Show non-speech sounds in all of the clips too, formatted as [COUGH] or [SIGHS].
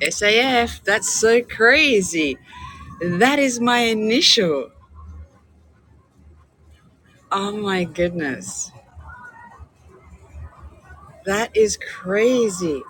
SAF, that's so crazy. That is my initial. Oh my goodness. That is crazy.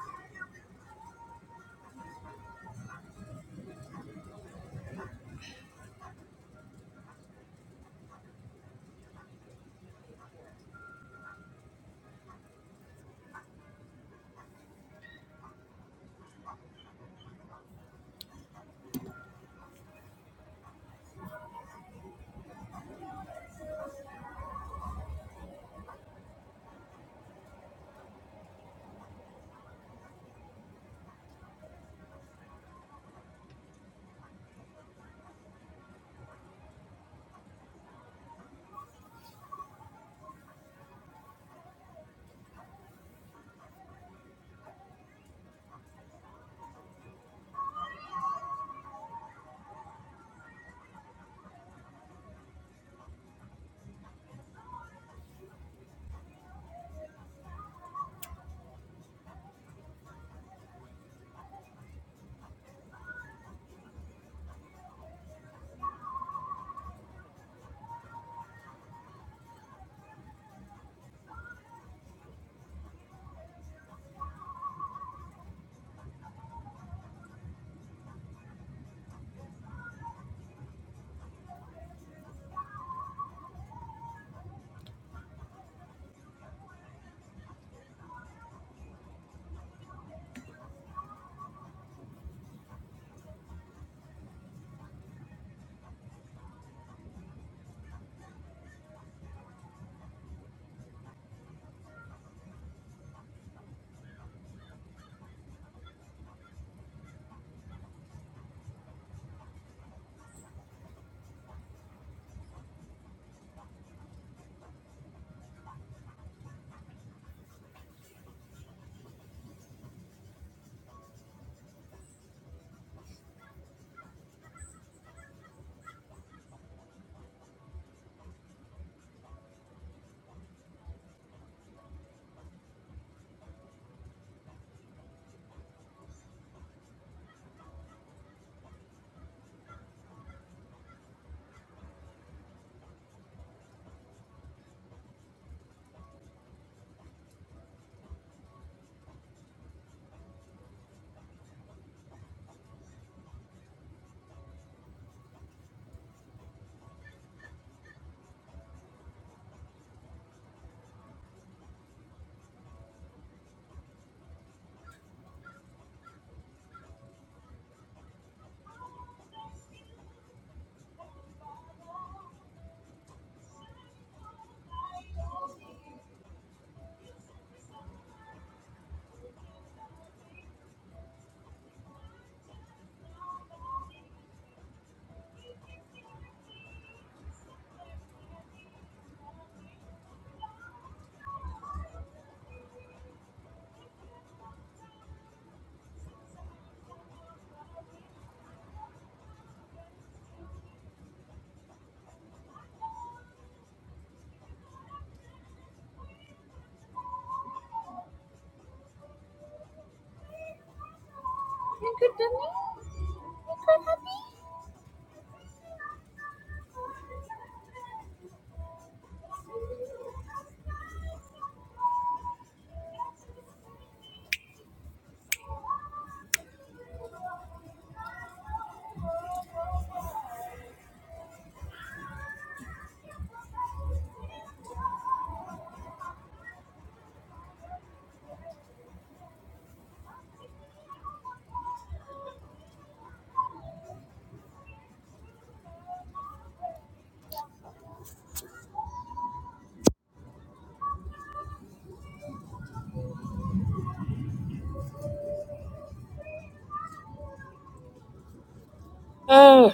Oh.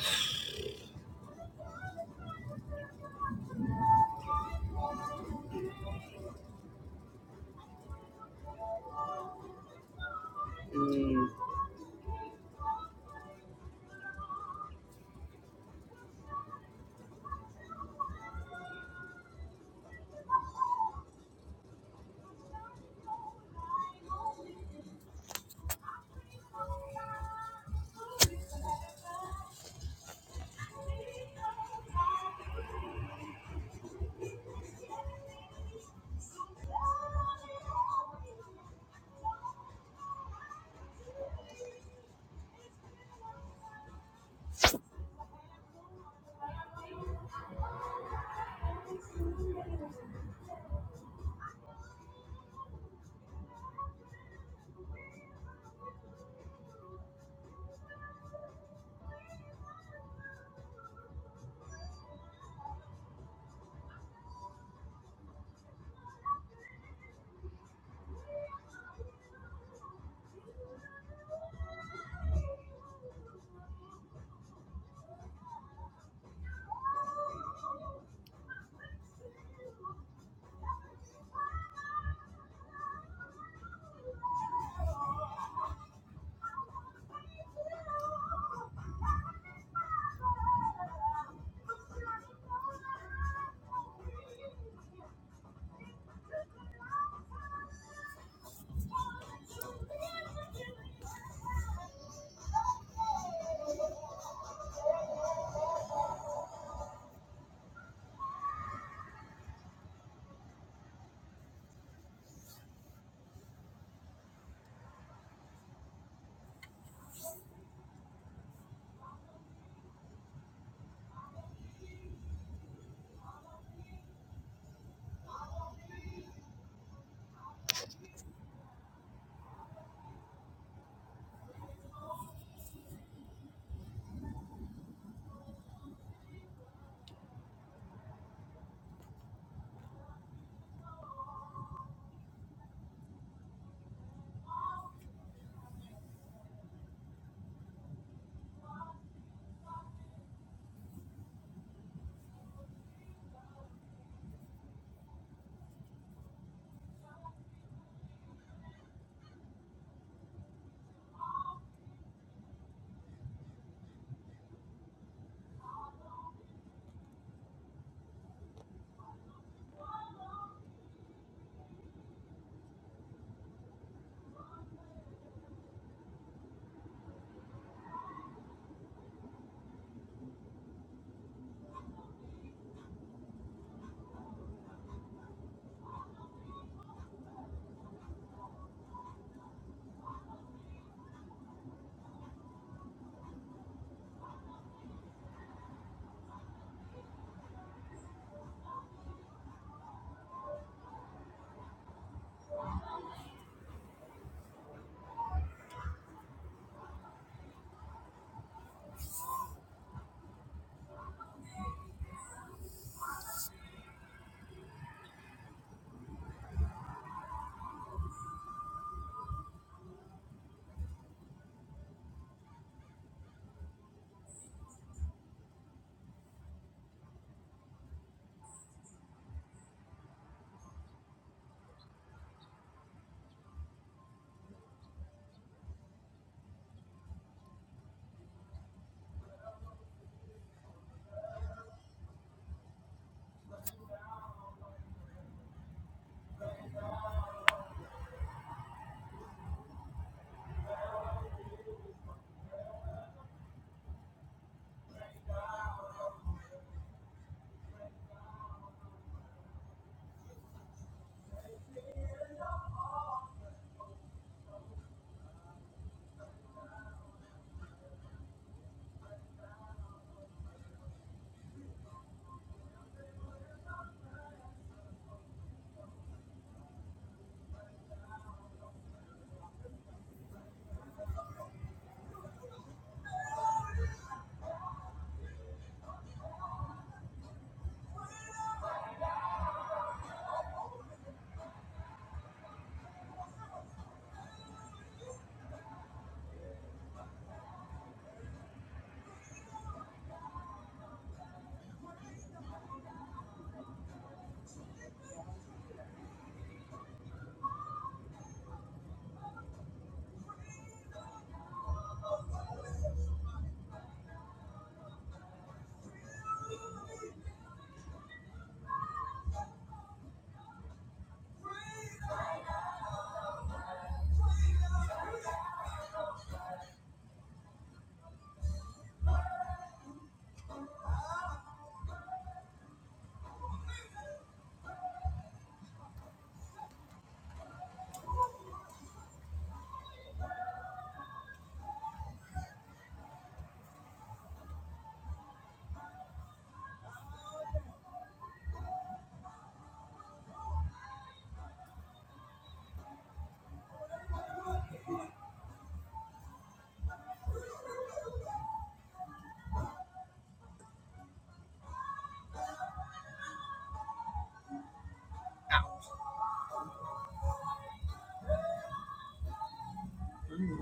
Mm,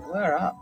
we're up.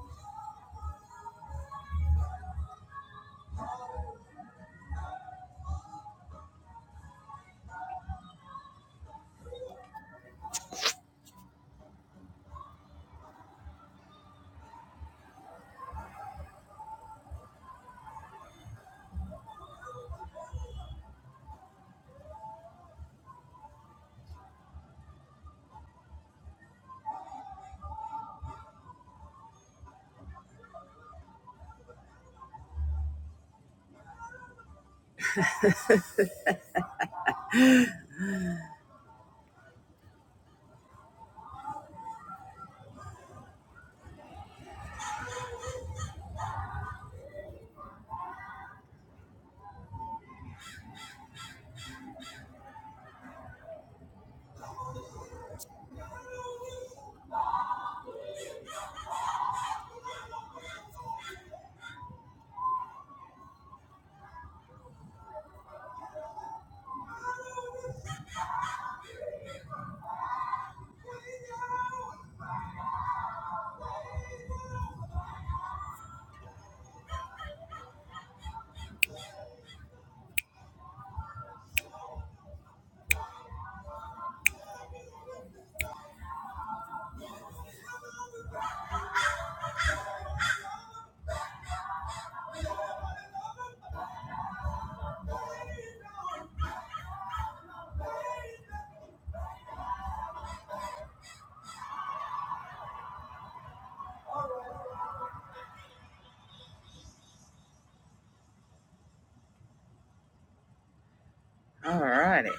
Alrighty.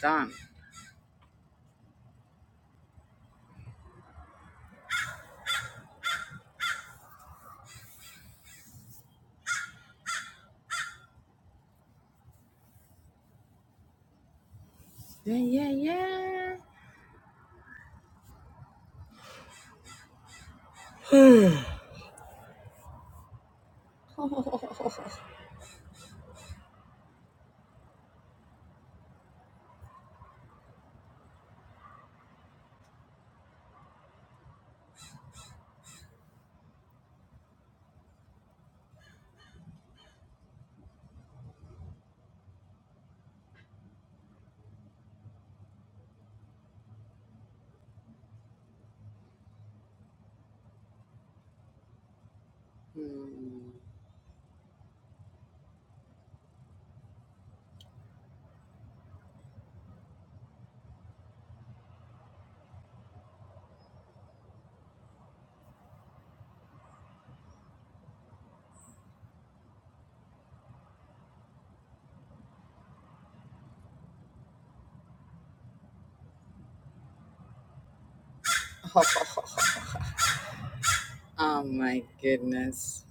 Done. Yeah, yeah, yeah. [SIGHS] oh my goodness.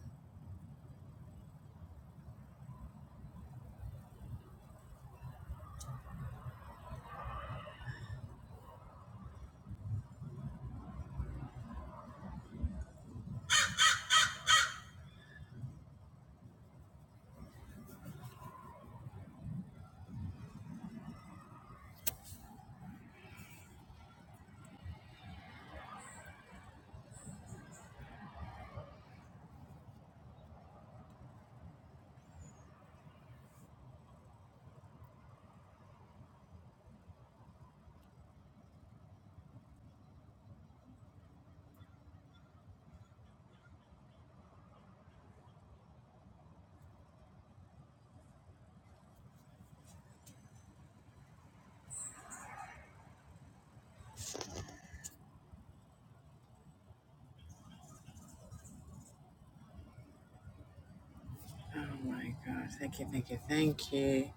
Oh my God. Thank you, thank you, thank you.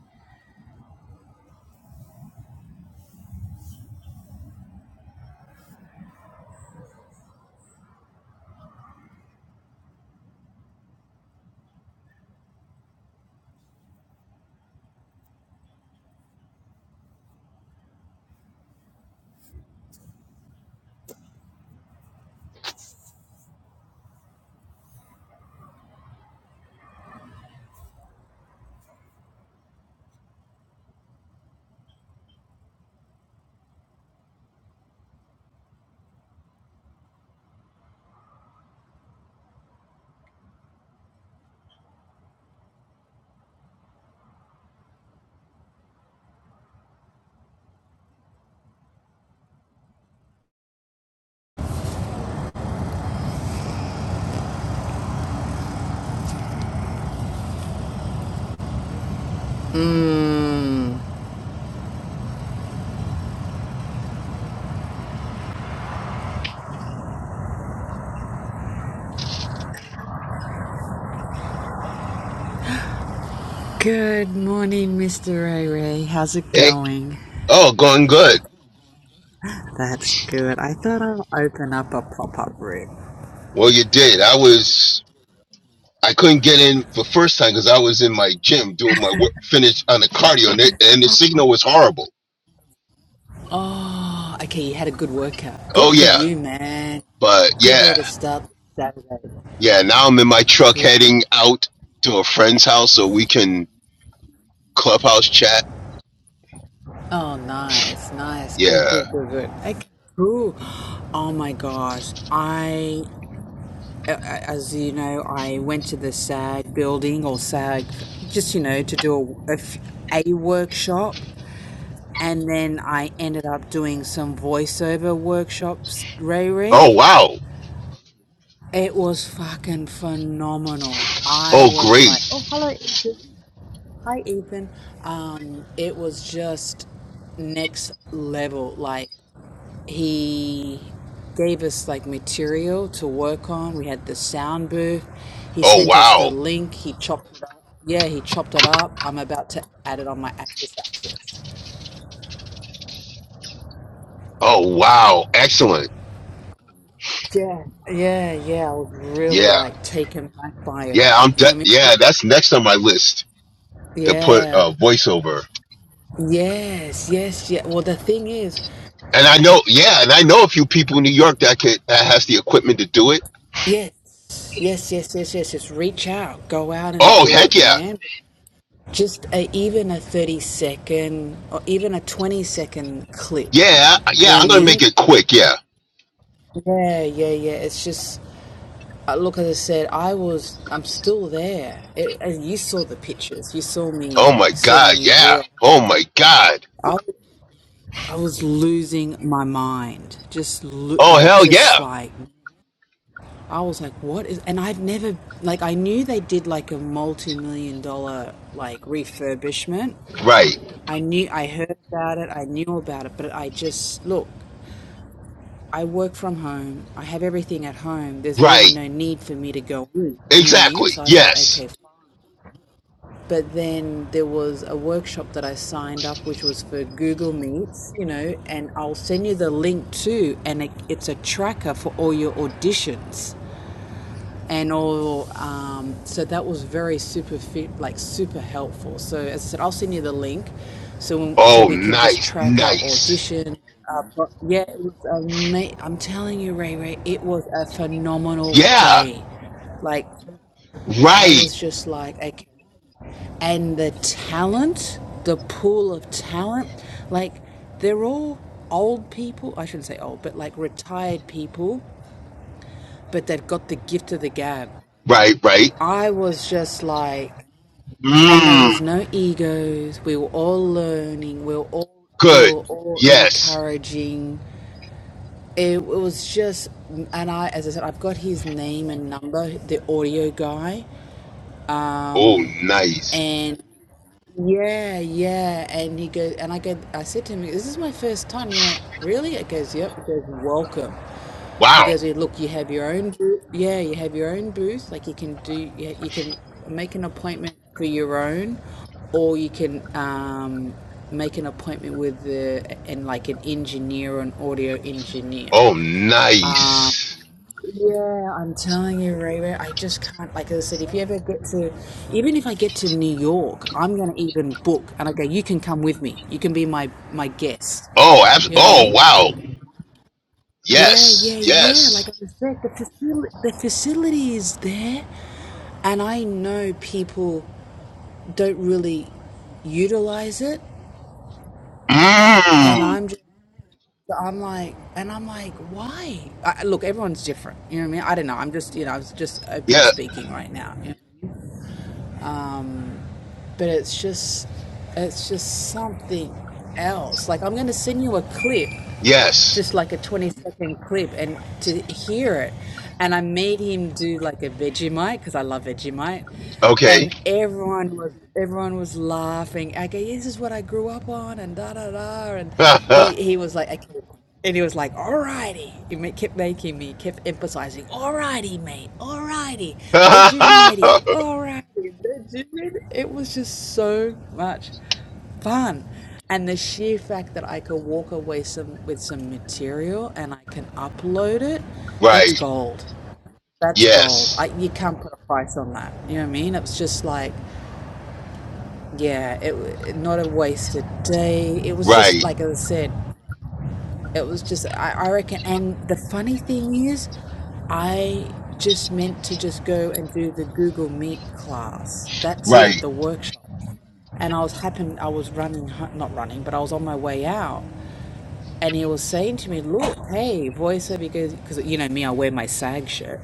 Mm. Good morning, Mr. Ray Ray. How's it Hey, going? oh, going good. That's good. I thought I'll open up a pop up room. Well, you did. I was, I couldn't get in for first time because I was in my gym doing my work, finish on the cardio, and, it, and the signal was horrible. Oh, okay. You had a good workout. Good Oh for yeah, you, man. but Good yeah, way to start Saturday. yeah. Now I'm in my truck Good. heading out to a friend's house so we can clubhouse chat. Oh, nice, nice. Yeah. Good, good, good, good. Okay. Cool. Oh my gosh. I, a- a- as you know, I went to the SAG building or SAG, just you know, to do a, a f- a workshop, and then I ended up doing some voiceover workshops. Ray Oh Ray. wow. It was fucking phenomenal. I Oh was like, great. oh, hello. Hi, Ethan. Um, it was just next level. Like, he gave us like material to work on. We had the sound booth. He Oh sent us the wow. link. He chopped it up. Yeah, he chopped it up. I'm about to add it on my Access Access. Oh wow. Excellent. Yeah, yeah, yeah. I was really Yeah. like taken back by it Yeah. all. I'm. You know De- what I mean? yeah. That's next on my list to put Yeah. uh, voiceover. Yes, yes, yeah. Well, the thing is, And I know, yeah, and I know a few people in New York that could that has the equipment to do it. yes, yes, yes, yes, yes. Just reach out, go out and Oh do heck it, yeah, man. Just a, even a thirty second or even a twenty second clip. yeah, You yeah! know what I'm I gonna make mean? it quick, yeah. Yeah, yeah, yeah. It's just uh, look. As I said, I was, I'm still there. It, and you saw the pictures. You saw me Oh my god, sending you yeah. real. Oh my god. I, I was losing my mind. Just look Oh like, hell yeah. just like, I was like, what is, and I'd never, like, I knew they did like a multi million dollar, like, refurbishment. Right, I knew, I heard about it, I knew about it, but I just, look, I work from home, I have everything at home, there's really right, no need for me to go you know what I mean? exactly. So I thought, Yes. okay, f- but then there was a workshop that I signed up, which was for Google Meets, you know, and I'll send you the link too. And it, it's a tracker for all your auditions. and all. Um, so that was very super fit, like super helpful. So as I said, I'll send you the link, so so Oh we can just nice, track our nice. audition. Uh, pro- yeah, it was ama- I'm telling you, Ray Ray, it was a phenomenal Yeah. day. Like I Right, was just like, okay. and the talent, the pool of talent, like they're all old people. I shouldn't say old, but like retired people, but they've got the gift of the gab. right, right. I was just like, and there Mmm. was no egos. We were all learning. We were all we Good. were all Yes. encouraging. It, it was just, and I, as I said, I've got his name and number, the audio guy, Oh nice. and Yeah, yeah. And he goes, and I go, I said to him, "This is my first time." He went, "Really?" I goes, "Yep." He goes, "Welcome." He Wow. goes, "Yeah, "Look, you have your own booth. Yeah, you have your own booth. Like you can do, yeah, you can make an appointment for your own, or you can um, make an appointment with the and like an engineer, or an audio engineer." Oh Um, nice. yeah, I'm telling you, Reba, I just can't. Like I said, if you ever get to, even if I get to New York, I'm gonna even book, and I go, you can come with me. You can be my my guest. Oh abs- You know what I Oh mean? wow. Yeah, Yes. yeah, yeah. Yes. Like I said, the facility, the facility is there, and I know people don't really utilize it, and Mm. I'm just. I'm like, and I'm like, why? I, look, everyone's different. You know what I mean? I don't know. I'm just, you know, I was just open Yeah. speaking right now. but it's just it's just something else. Like I'm gonna send you a clip Yes. just like a 20 second clip and to hear it. And I made him do like a Vegemite because I love Vegemite. Okay. And everyone was everyone was laughing. I go, this is what I grew up on, and da da da. And [LAUGHS] he right. he was like, okay. and he was like, alrighty. He ma- kept making me, kept emphasizing, alrighty, mate, alrighty, Vegemite, alrighty, Vegemite. It was just so much fun. And the sheer fact that I could walk away some with some material and I can upload it, that's gold. That's gold. Yes. I, you can't put a price on that. You know what I mean? It was just like, yeah, it, not a wasted day. It was just Right. like I said. It was just, I, I reckon. And the funny thing is, I just meant to just go and do the Google Meet class. That's it, Right. the workshop. And I was happen, I was running, not running, but I was on my way out. And he was saying to me, look, hey, voiceover, because, because you know me, I wear my SAG shirt.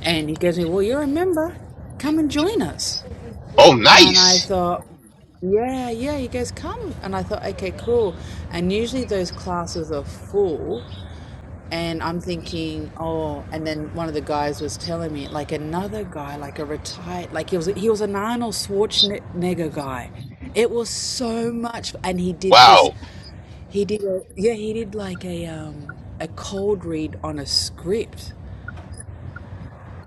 And he goes to me, well, you're a member. Come and join us. Oh, And I nice. thought, yeah, yeah, you guys come. And I thought, okay, cool. And usually those classes are full. And I'm thinking, oh, and then one of the guys was telling me, like another guy, like a retired, like he was, he was an Arnold Schwarzenegger guy. It was so much, and he did this, Wow. he did, a, yeah, he did like a um, a cold read on a script,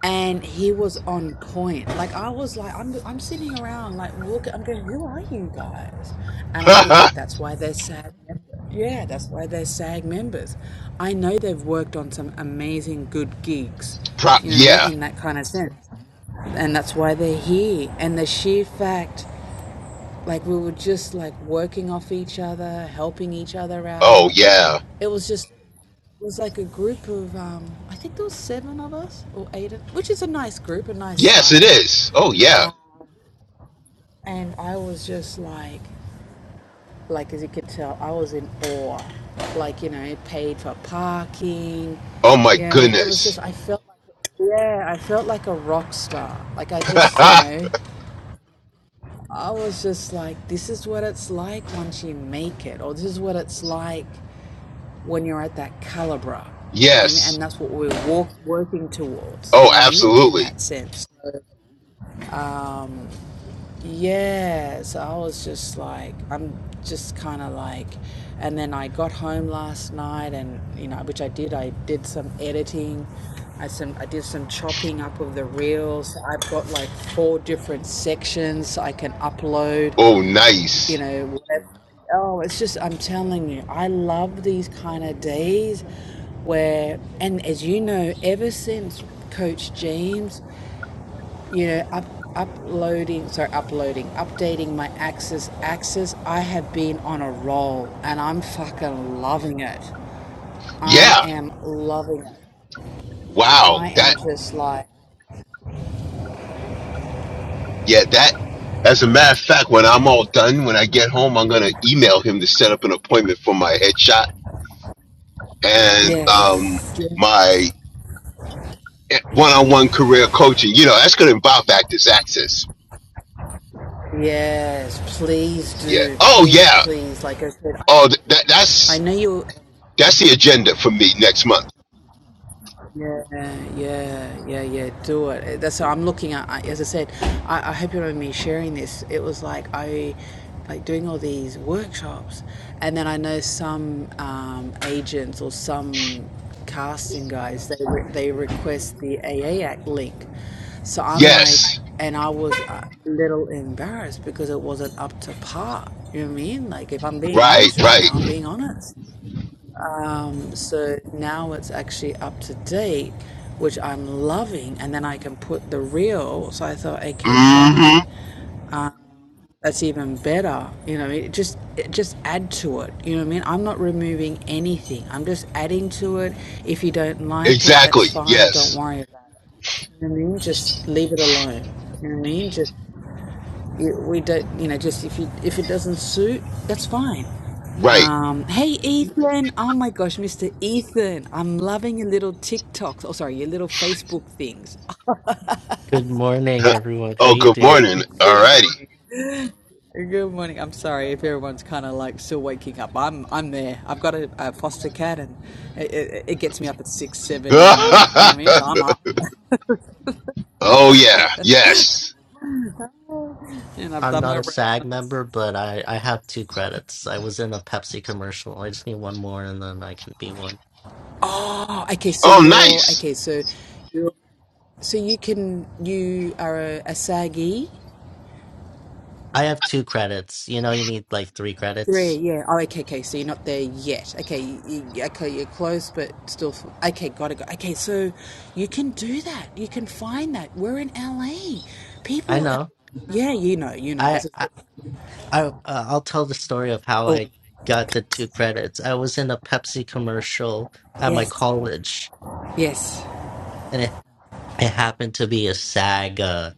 and he was on point. Like I was like, I'm I'm sitting around like look, I'm going, who are you guys? [LAUGHS] And I'm Pro- thinking that's why they're SAG. members. Yeah, that's why they're SAG members. I know they've worked on some amazing good gigs. You know what I mean? yeah. In that kind of sense, and that's why they're here. And the sheer fact like we were just like working off each other, helping each other Oh, out. yeah. It was just it was like a group of um, I think there was seven of us or eight, of, which is a nice group, a nice Yes, it size. is. Oh, yeah. And I was just like, like as you could tell, I was in awe. Like you know, it paid for parking. Oh, my You know, what I mean, it was goodness. just I felt like yeah, I felt like a rock star. Like I just you [LAUGHS] know, I was just like, this is what it's like once you make it, or this is what it's like when you're at that calibre. You know what I mean? yes. And that's what we're walk, working towards, you Oh, know what I mean? In absolutely. that sense. Um, yeah, so I was just like, I'm just kind of like, and then I got home last night and, you know, which I did, I did some editing. I some I did some chopping up of the reels. I've got like four different sections I can upload Oh, you nice. know whatever. oh it's just i'm telling you i love these kind of days where and as you know ever since coach james you know up uploading sorry uploading updating my axis axis i have been on a roll and i'm fucking loving it i Yeah. am loving it Wow. i That, am just like yeah, that, as a matter of fact, when I'm all done, when I get home, I'm going to email him to set up an appointment for my headshot and um, yes my one-on-one career coaching. You know, that's going to involve Actors Access. yes please Yeah. do Oh please yeah. please like i said Oh, th- that i that's know you that's the agenda for me next month. Yeah, yeah, yeah, yeah. Do it. That's what I'm looking at. I- As I said, I, I hope you don't mind me sharing this. It was like I, like doing all these workshops, and then I know some um, agents or some casting guys they re- they request the AA Act link. So I'm like, Yes. and I was a little embarrassed because it wasn't up to par. You know what I mean? Like, if I'm being Right. honest right Right. now, I'm being honest. So now it's actually up to date, which I'm loving, and then I can put the reel. So I thought, okay, Mm-hmm. fine, um, that's even better. You know, it just it just add to it. You know what I mean? I'm not removing anything. I'm just adding to it. If you don't like it, that's Exactly. fine. Don't Yes. worry about it. You know what I mean? Just leave it alone. You know what I mean? Just we don't, you know, just if you if it doesn't suit, that's fine. Right. Um, hey Ethan! Oh my gosh, Mr. Ethan, I'm loving your little TikToks. Oh, sorry, your little Facebook things. Good morning, [LAUGHS] everyone. How Oh, you good [LAUGHS] doing? Good, morning. good All righty. morning. Good morning. I'm sorry if everyone's kind of like still waking up. I'm I'm there. I've got a, a foster cat, and it, it, it gets me up at six, [LAUGHS] seven in the morning. You know what I mean? So I'm up, oh yeah. Yes. and I've I'm done not my a SAG rounds. member, but I I have two credits. I was in a Pepsi commercial. I just need one more, and then I can be one. Oh, okay. So Oh, you're nice. okay. So you're so you can you are a, a saggy. I have two credits. You know, you need like three Three, credits. yeah. Oh, okay, okay. So you're not there yet. Okay, you, okay, you're close, but still. f- Okay, gotta go. Okay, so you can do that. You can find that. We're in LA. I People, are- know. yeah, you know, you know. I As I I, said, I uh, I'll tell the story of how oh, I got the two credits. I was in a Pepsi commercial at my yes, college, yes. and it it happened to be a SAG uh,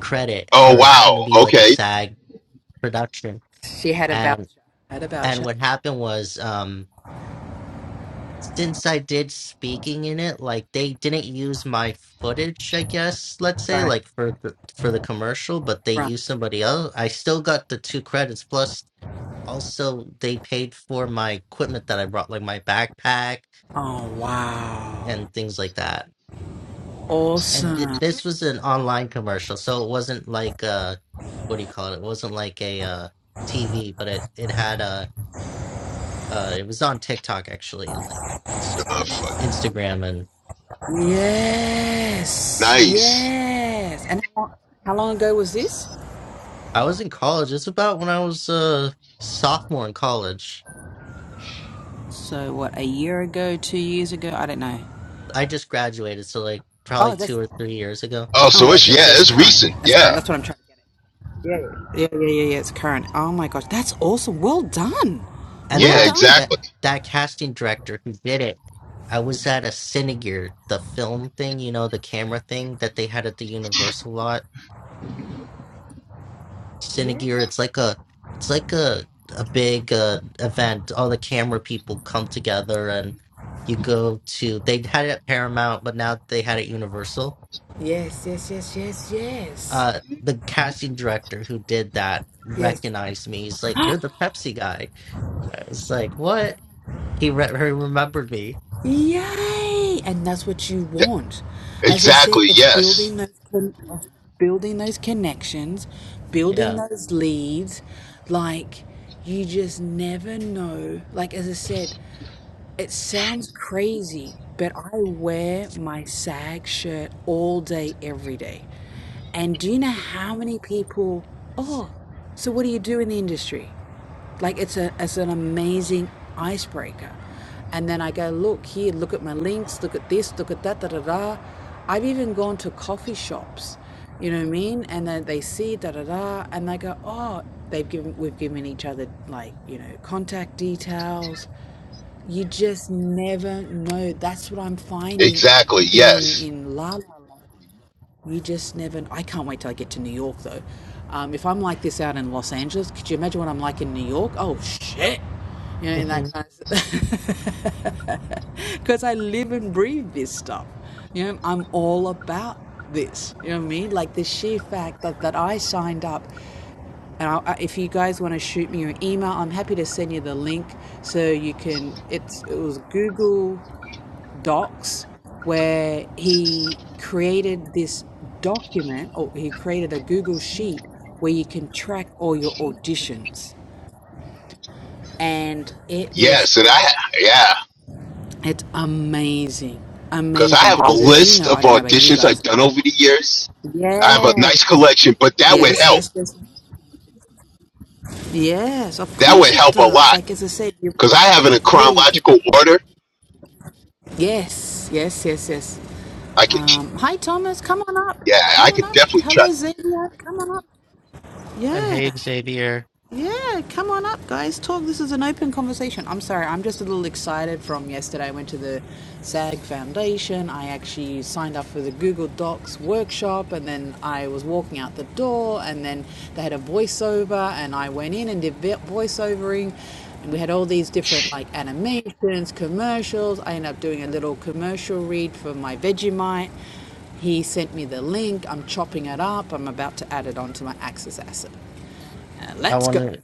credit, Oh or it happened to be wow. like a Okay. SAG production, She had a voucher. and Had a and voucher. what happened was um. since I did speaking in it, like they didn't use my footage, I guess, let's say, Right, like for the for the commercial, but they right. used somebody else. I still got the two credits plus also they paid for my equipment that I brought, like my backpack Oh, wow. and things like that. And th- Awesome. this was an online commercial, so it wasn't like uh what do you call it? It wasn't like a uh TV, but it it had a uh it was on TikTok actually and like Insta- Oh, fuck. Instagram Yes, Nice. yes. And how long, how long ago was this? I was in college. It's about when I was a sophomore in college. So what? A year ago? Two years ago? I don't know. I just graduated, so like probably Oh, two that's or three years ago. Oh, so oh, it's okay. yeah, So it's it's current. recent. It's current. Yeah. That's what I'm trying to get. At. Yeah, yeah, yeah, yeah. It's current. Oh my gosh, that's awesome. Well done. And Well Yeah. that done. that Exactly. that casting director who did it, I was at a Cinegear, the film thing, you know, the camera thing that they had at the Universal lot. Yeah. Cinegear, it's like a it's like a a big uh, event. All the camera people come together and you go to they had it at Paramount, but now they had it at Universal Yes, yes, yes, yes, yes. uh the casting director who did that Yes. recognized me. He's like, "You're the Pepsi guy." I was like, "What?" He, re- he remembered me. Yay! And that's what you want. As I said, Exactly. it's Yes. building those con- building those connections, building Yeah. those leads. Like you just never know. Like as I said, it sounds crazy, but I wear my SAG shirt all day, every day. And do you know how many people? Oh, so what do you do in the industry? Like it's a it's an amazing icebreaker. And then I go, look here, look at my links, look at this, look at that, da da da. I've even gone to coffee shops, you know what I mean? And then they see da da da, and they go, oh, they've given we've given each other like you know contact details. You just never know. That's what I'm finding Exactly. being Yes. in La La Land. You just never. I can't wait till I get to New York though. Um, if I'm like this out in Los Angeles, could you imagine what I'm like in New York? Oh shit! You know, in hmm that kind of. [LAUGHS] Because I live and breathe this stuff. You know, I'm all about this. You know what I mean? Like the sheer fact that, that I signed up and i I- if you guys want to shoot me an email, I'm happy to send you the link so you can. It's it was Google docs where he created this document or he created a Google sheet where you can track all your auditions. And it is Yes. And I, just, yeah, it's amazing. because I Amazing. have a Because as you list know, of I don't know about you auditions I've guys. done over the years. I have a Yes. nice collection, but that would Yes, help. yes, yes. Yes, of That course would it help a does. lot Like as I said, you, because I have it in yeah, you can. chronological order. Yes, yes, yes, yes. I can, Um, hi, Thomas. Come on up. yeah, I Come on could up. definitely try. Hello, Xenia. Come on up. And hey, Yeah. Xavier, Yeah, come on up, guys. Talk. This is an open conversation. I'm sorry, I'm just a little excited from yesterday. I went to the SAG Foundation. I actually signed up for the Google Docs workshop, and then I was walking out the door, and then they had a voiceover, and I went in and did vo- voiceovering. And we had all these different like animations, commercials. I ended up doing a little commercial read for my Vegemite. He sent me the link. I'm chopping it up. I'm about to add it onto my Axis asset. And I let's want go. to.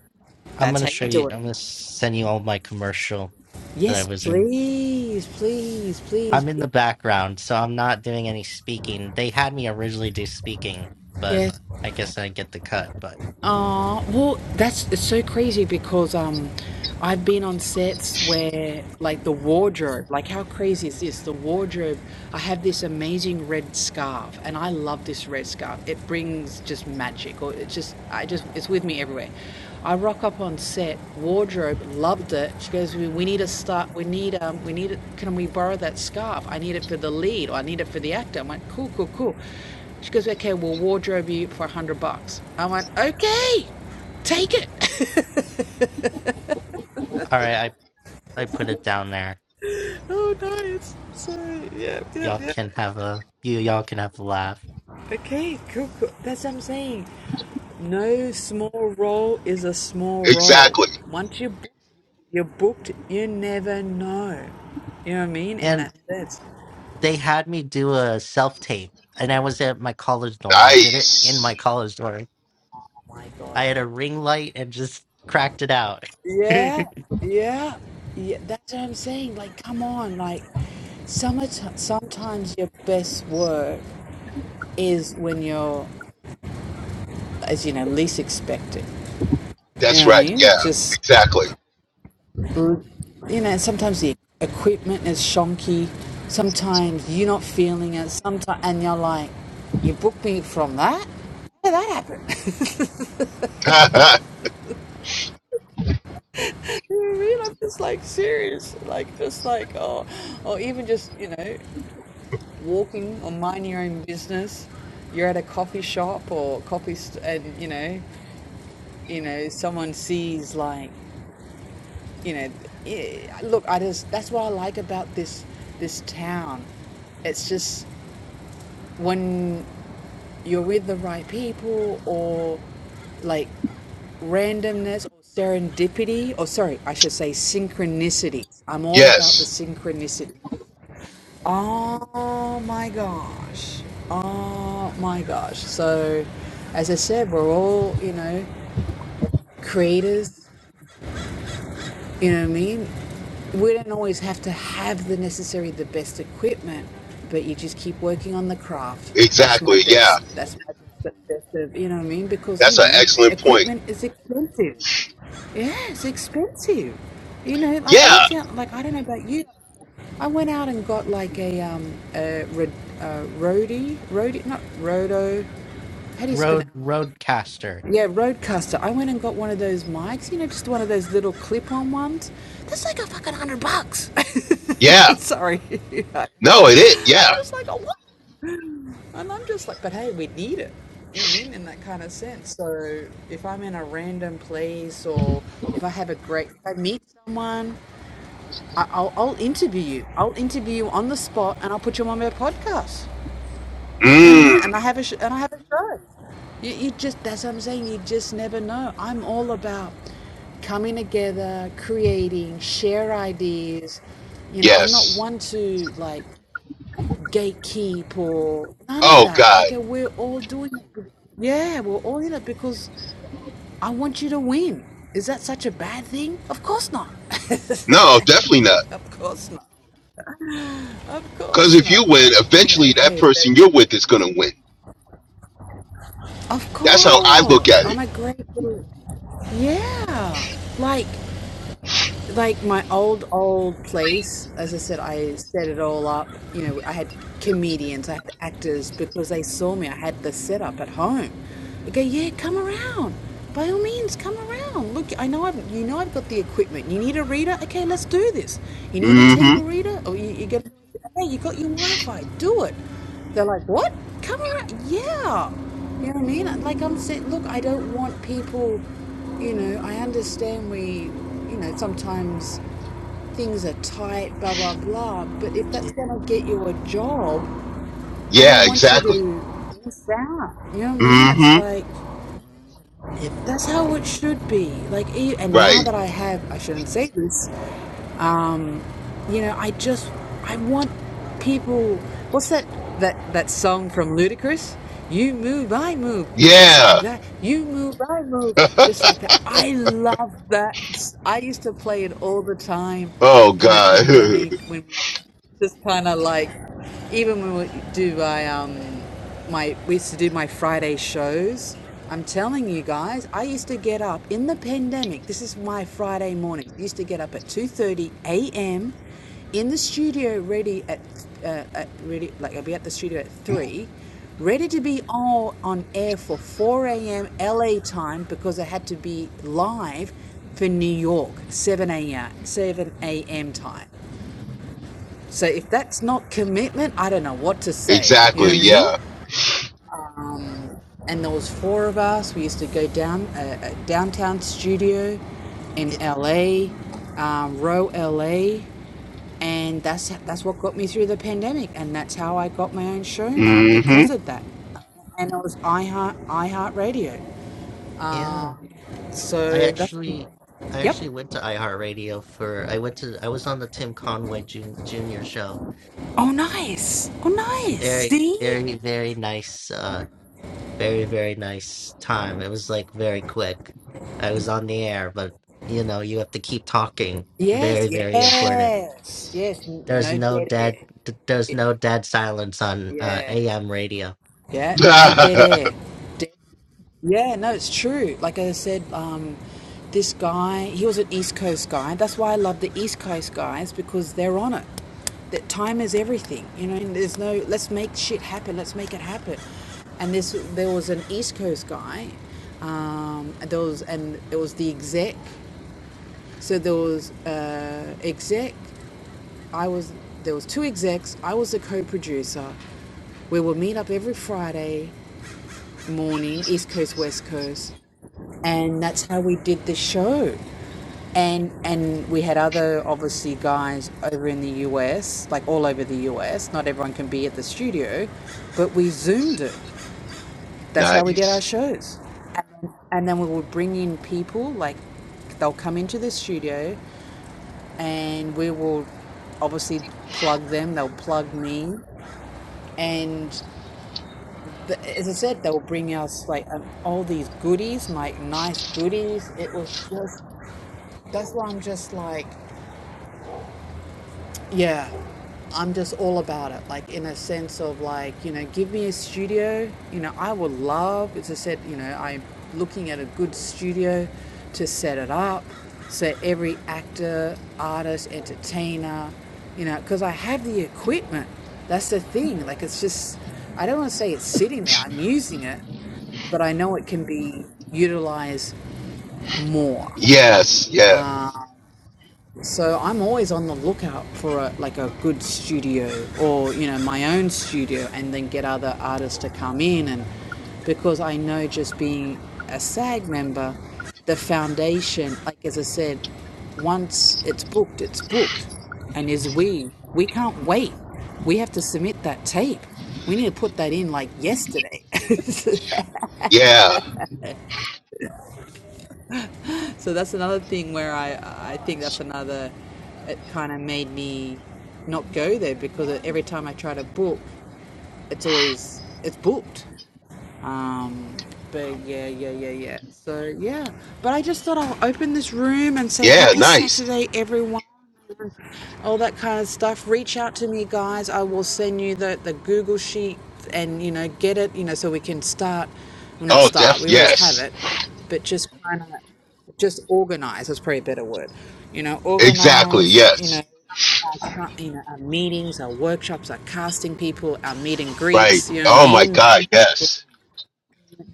I'm That's gonna how show you you. do it. I'm gonna send you all my commercial that I Yes, was in. please, please, please. I'm in please. the background, so I'm not doing any speaking. They had me originally do speaking, but Yes. I guess I get the cut. But Oh, well, that's it's so crazy because um, I've been on sets where like the wardrobe, like how crazy is this? The wardrobe, I have this amazing red scarf, and I love this red scarf. It brings just magic, or it just, I just, it's with me everywhere. I rock up on set, wardrobe loved it. She goes, "We, we need to start. We need um, we need it. Can we borrow that scarf? I need it for the lead, or I need it for the actor." I'm like, "Cool, cool, cool." She goes, okay, we'll wardrobe you for a hundred bucks. I went, okay, take it. [LAUGHS] all right, I I put it down there. Oh, nice. So, yeah, yeah, Y'all yeah. can have a you. Y'all can have a laugh. Okay, cool, cool. That's what I'm saying. No small role is a small role. Exactly. Once you book, you're booked, you never know. You know what I mean? In and. that sense. they had me do a self tape, and I was at my college dorm. I did it in Nice. my college dorm. Oh my I gosh. had a ring light and just cracked it out. Yeah, yeah, yeah. That's what I'm saying. Like, come on. Like, summertime, sometimes your best work is when you're as you know, least expected. You know That's what I right. Yeah. mean? Just, Exactly. you know, sometimes the equipment is shonky. Sometimes you're not feeling it. Sometimes, and you're like, you booked me from that? How did that happen? [LAUGHS] [LAUGHS] you know what I mean? I'm just like serious. Like, just like, oh, or even just, you know, walking or minding your own business. You're at a coffee shop or coffee, st- and, you know, you know, someone sees like, you know eh, look i just that's what i like about this this town it's just when you're with the right people or like randomness or serendipity or sorry i should say synchronicity i'm all about the yes. synchronicity oh my gosh oh my gosh so as i said we're all you know creators You know what I mean? We don't always have to have the necessary, the best equipment, but you just keep working on the craft. That's my Exactly. Yeah. best. That's my best. best of, you know what I mean? Because That's you an know, excellent point. equipment is expensive. Yeah, it's expensive. You know, like I'm Yeah. telling, like I don't know about you. I went out and got like a um a, ro- a roadie, roadie, not rodo. How [LAUGHS] do you pronounce? Road Roadcaster. Yeah, Roadcaster. I went and got one of those mics, you know, just one of those little clip on ones. That's like a fucking hundred bucks. Yeah. [LAUGHS] Sorry. [LAUGHS] No, it is. I'm Yeah. just like, oh, what? And I'm just like, but hey, we need it. You know what I mean? In that kind of sense. So if I'm in a random place or if I have a great, if I meet someone, I, I'll, I'll interview you. I'll interview you on the spot and I'll put you on my podcast. You know what I mean? Mm. And I have a sh- and I have a show. You, you just that's what I'm saying. You just never know. I'm all about coming together, creating, share ideas. You know, I'm not Yes. one to like gatekeep or none of Oh that. I God, go, we're all doing it. be- Yeah, we're all in it because I want you to win. Is that such a bad thing? Of course not. no, definitely not. [LAUGHS] of course not. Of Because course if you not. win, I think eventually that okay, person but you're with is going to win. of That's how I look course, at I'm it. a great. Yeah. Like like my old old place, as I said, I set it all up. You know, I had comedians, I had actors because they saw me. I had the setup at home. They go, yeah, come around. By all means, come around. Look, I know I've you know I've got the equipment. You need a reader? Okay, let's do this. You need a Mm-hmm. table reader? Or you, you get hey, you got your Wi-Fi, do it. They're like, what? Come around? Yeah. You know what I mean? Like I'm saying, look, I don't want people. You know, I understand we, you know, sometimes things are tight, blah, blah, blah. But if that's It, going to get you a job, I Yeah, don't want you exactly. to miss out. You know what I it, mean? It's Mm-hmm. like, if that's how if it should be. Like, e- and now Right. that I have, I shouldn't say this. Um, you know, I just, I want people. What's that? That that song from Ludacris? You move, I move, just like Yeah. that. You move, I move, just like that. I love that. I used to play it all the time Oh in the God. [LAUGHS] pandemic when just kind of like even when we do my um my we used to do my Friday shows. I'm telling you guys, I used to get up in the pandemic. This is my Friday morning. I used to get up at 2:30 a.m. in the studio, ready at uh, at ready like I'd be at the studio at three, ready to be all on air for 4 a.m. LA time because I had to be live for New York 7 a.m. 7 a.m. time. So if that's not commitment, I don't know what to say. You know what exactly. I mean? Yeah. And there was four of us. We used to go down a, a downtown studio in it, LA, um, Row LA, and that's that's what got me through the pandemic. And that's how I got my own show now Mm-hmm. because of that. And it was iHeart iHeart Radio. yeah, I So that's actually I yep. actually went to iHeartRadio for I went to I was on the Tim Conway Jun, Jr. show Oh, nice. Oh, nice. Very, See? very, very nice. Uh, very, very nice time. It was like very quick. I was on the air, but you know, you have to keep talking. Yes, Very, very important. yes, yes. There's No no dead dead. air. th- There's no dead silence on uh, Yeah. AM radio. Yeah. No dead [LAUGHS] air. Dead. Yeah. No, it's true. Like I said, um, this guy, he was an East Coast guy. That's why I love the East Coast guys because they're on it. That time is everything. You know, and there's no, let's make shit happen. Let's make it happen. And this, there was an East Coast guy. Um, and there was, and it was the exec. So there was uh, exec. I was there was two execs. I was the co-producer. We would meet up every Friday morning, East Coast, West Coast, and that's how we did the show. And and we had other obviously guys over in the US, like all over the US. Not everyone can be at the studio, but we zoomed it. That's how we did nice. our shows. And then, and then we would bring in people, like they'll come into the studio and we will obviously plug them, they'll plug me. And th as I said, they'll bring us like um, all these goodies, like nice goodies. It was just, that's why I'm just like, Yeah, I'm just all about it. Like in a sense of like you know, give me a studio. You know, I would love. As I said, you know, I'm looking at a good studio to set it up, so every actor, artist, entertainer, you know, because I have the equipment. That's the thing. Like it's just, I don't want to say it's sitting there. I'm using it, but I know it can be utilized more. Yes. Yeah. So I'm always on the lookout for a, like a good studio or you know my own studio, and then get other artists to come in, and because I know just being a SAG member, the foundation, like as I said, once it's booked, it's booked, and as we we can't wait, we have to submit that tape. We need to put that in like yesterday. [LAUGHS] Yeah. So that's another thing where I I think that's another it kind of made me not go there because every time I try to book, it's always it's booked. Um, but yeah, yeah, yeah, yeah. So yeah, but I just thought I'll open this room and say Yeah. happy Nice. Saturday, everyone all that kind of stuff. Reach out to me, guys. I will send you the, the Google sheet and, you know, get it, you know, so we can start, well, not Oh, start, def. we always have Yes. it, but just kind of just organize That's probably a better word. You know, Exactly. organize, you Yes. know, our, ca- you know, our meetings, our workshops, our casting people, our meet and Right. greets, you know what I Oh my mean? God. Yes.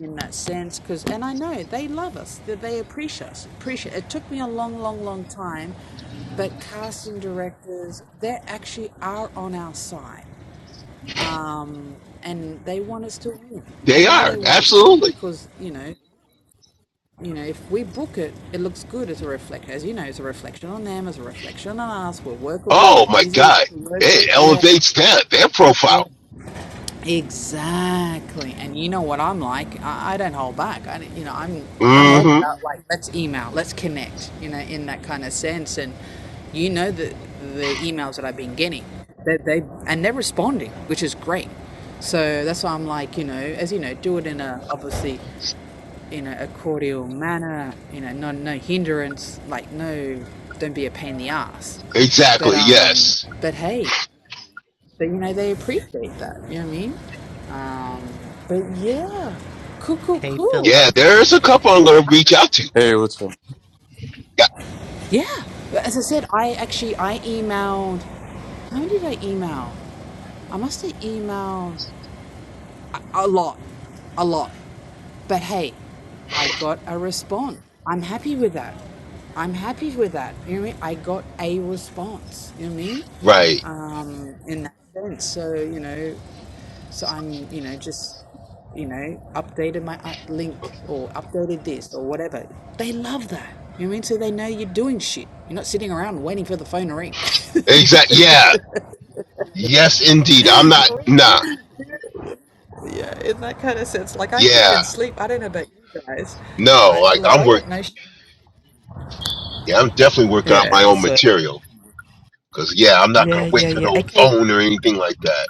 in that sense because and i know they love us that they appreciate us appreciate it took me a long long long time but casting directors they actually are on our side um, and they want us to win i They know are they want us to win absolutely. because you know you know if we book it it looks good as a reflect as you know it's a reflection on them as a reflection on us we're workable Oh we're my easy to God. work It with yeah elevates that their yeah profile. Exactly. And you know what I'm like? I, I don't hold back. I, don't- you know, I'm I'm mm all hmm about like let's email, let's connect. You know, in that kind of sense. And you know the the emails that I've been getting, they they and they're responding, which is great. So that's why I'm like, you know, as you know, do it in a obviously in a, a cordial manner. You know, no no hindrance. Like no, don't be a pain in the ass. But Exactly. um, Yes. but hey but you know they appreciate that you know what i mean um but yeah cool cool Hey, cool Yeah. Philip. There's a couple I'm gonna reach out to. Hey, what's up? Yeah. yeah but as i said i actually i emailed how many did i email i must have emailed a lot, a lot. But hey, I got a response. I'm happy with that. I'm happy with that. You know what I mean? I got a response. You know what I mean? Right. Um, in that sense. So you know, so I'm you know just you know updated my uh, link or updated this or whatever. They love that. You know what I mean? So they know you're doing shit. You're not sitting around waiting for the phone to ring. [LAUGHS] Exact. Yeah. Yes, indeed. I'm You know not. what I mean? Nah. Yeah, in that kind of sense, like I eat Yeah. and sleep. I don't know about you guys. No. I Like like I'm I work. got no shame. Yeah. I'm definitely working on my Yeah, own so material. Cause yeah, I'm not gonna yeah, wait yeah, for yeah. no Okay. phone or anything like that.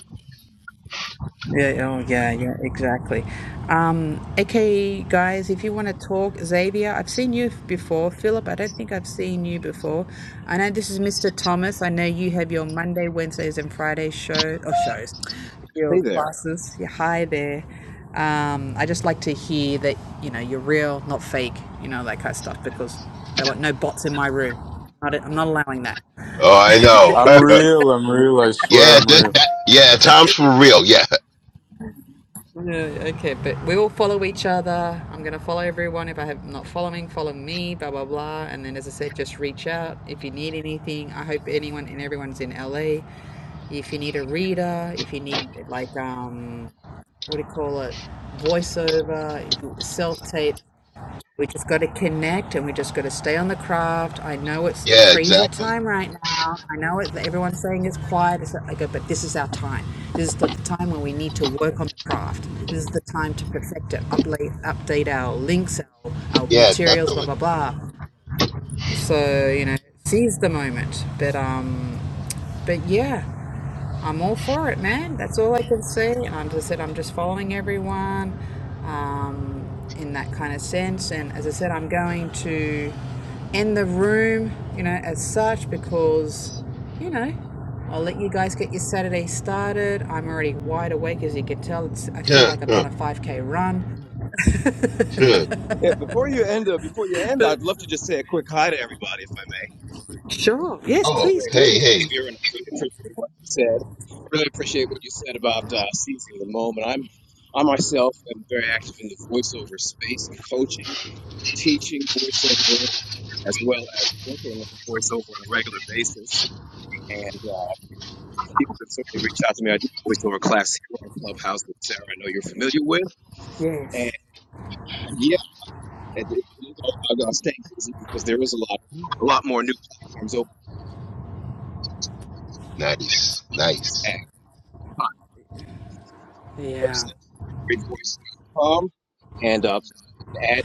Yeah, oh, yeah, yeah, exactly. Um, okay, guys, if you want to talk, Xavier, I've seen you f- before. Philip, I don't think I've seen you before. I know this is Mr. Thomas. I know you have your Monday, Wednesdays, and Friday show or shows, your Hey there. classes. Yeah, hi there. Um, I just like to hear that you know you're real, not fake. You know that kind of stuff because I don't want no bots in my room. Not, I'm not allowing that. Oh, I know. I'm [LAUGHS] real. I'm real. I swear yeah. I'm That, real. that, yeah. Times for real. Yeah. [LAUGHS] Yeah. okay, but we all follow each other. I'm gonna follow everyone. If I have not following, follow me, blah blah blah. And then as I said, just reach out if you need anything. I hope anyone and everyone's in LA. If you need a reader, if you need like um what do you call it? Voiceover, self tape. We just got to connect and we just got to stay on the craft. I know it's a Yeah. crazy Exactly. time right now. I know it, everyone's saying it's quiet. It's like, I go, but this is our time. This is the time when we need to work on the craft. This is the time to perfect it, update, update our links, our, our Yeah. materials, blah, Definitely. blah, blah. So you know, seize the moment. But um, but yeah, I'm all for it, man. That's all I can say. And I'm just said I'm just following everyone um, in that kind of sense. And as I said, I'm going to end the room, you know, as such because you know. I'll let you guys get your Saturday started. I'm already wide awake, as you can tell. It's, I [LAUGHS] feel Yeah. like I've yeah, done a 5K run. yeah. Yeah, before you end, uh, before you end, But I'd love to just say a quick hi to everybody, if I may. sure, yes, Um, Oh. please great. Hey. do. If Hey. you're in, really appreciate what you said. Really appreciate what you said about uh, seizing the moment. I'm, I myself am very active in the voiceover space. I'm coaching, teaching voiceover, as well as booking voiceover on a regular basis. And uh, people can certainly reach out to me. I do voiceover class here on Clubhouse with Sarah. I know you're familiar with. Yes. And And they didn't know staying busy because there is a lot, a lot more new platforms open Nice, nice. at my Yeah. website, greatvoice.com, and uh, the ad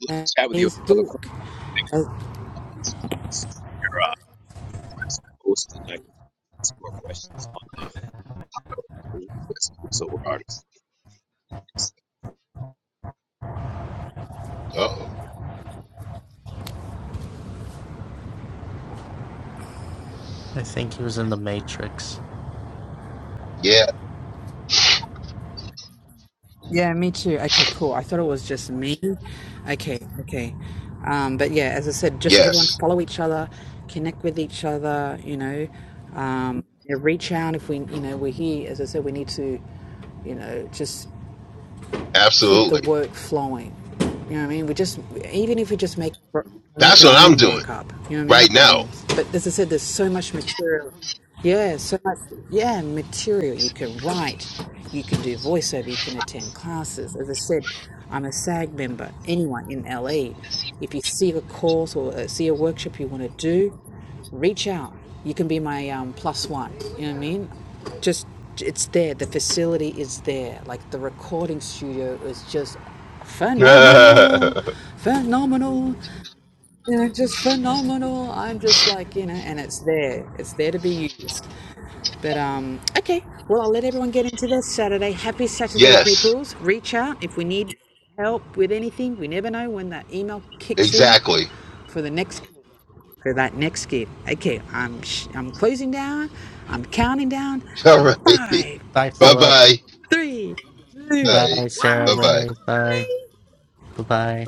look to chat with you about other Facebook. Uh, clients. There are uh, posts and I can ask more questions on the website, so regardless. Oh, I think he was in the Matrix. yeah, yeah, me too. Okay, cool. I thought it was just me. Okay, okay. Um, but yeah, as I said, just everyone yes, follow each other, connect with each other. You know, um, yeah, reach out if we, you know, we're here. As I said, we need to, you know, just keep the absolutely. work flowing. You know what I mean? We just, even if we just make make That's our what I'm own doing work up. You know what I mean? right Not that now. I'm, but as I said, there's so much material. Yeah, so much. Yeah, material. You can write, you can do voiceover, you can attend classes. As I said, I'm a SAG member. Anyone in LA, if you see a course or uh, see a workshop you want to do, reach out. You can be my um, plus one. You know what I mean? Just, it's there. The facility is there. Like the recording studio is just phenomenal, [LAUGHS] phenomenal, you know, just phenomenal. I'm just like, you know, and it's there. It's there to be used. But um, okay. Well, I'll let everyone get into their Saturday. Happy Saturday, yes, peoples. Reach out if we need help with anything. We never know when that email kicks in exactly. for the next for that next gate. Okay, I'm sh- I'm closing down. I'm counting down. All right. Five, Bye, Bye Philip. bye. three, two, Bye. Bye, one. Sarah Bye bye. Ray. Bye. Bye. Bye. Bye.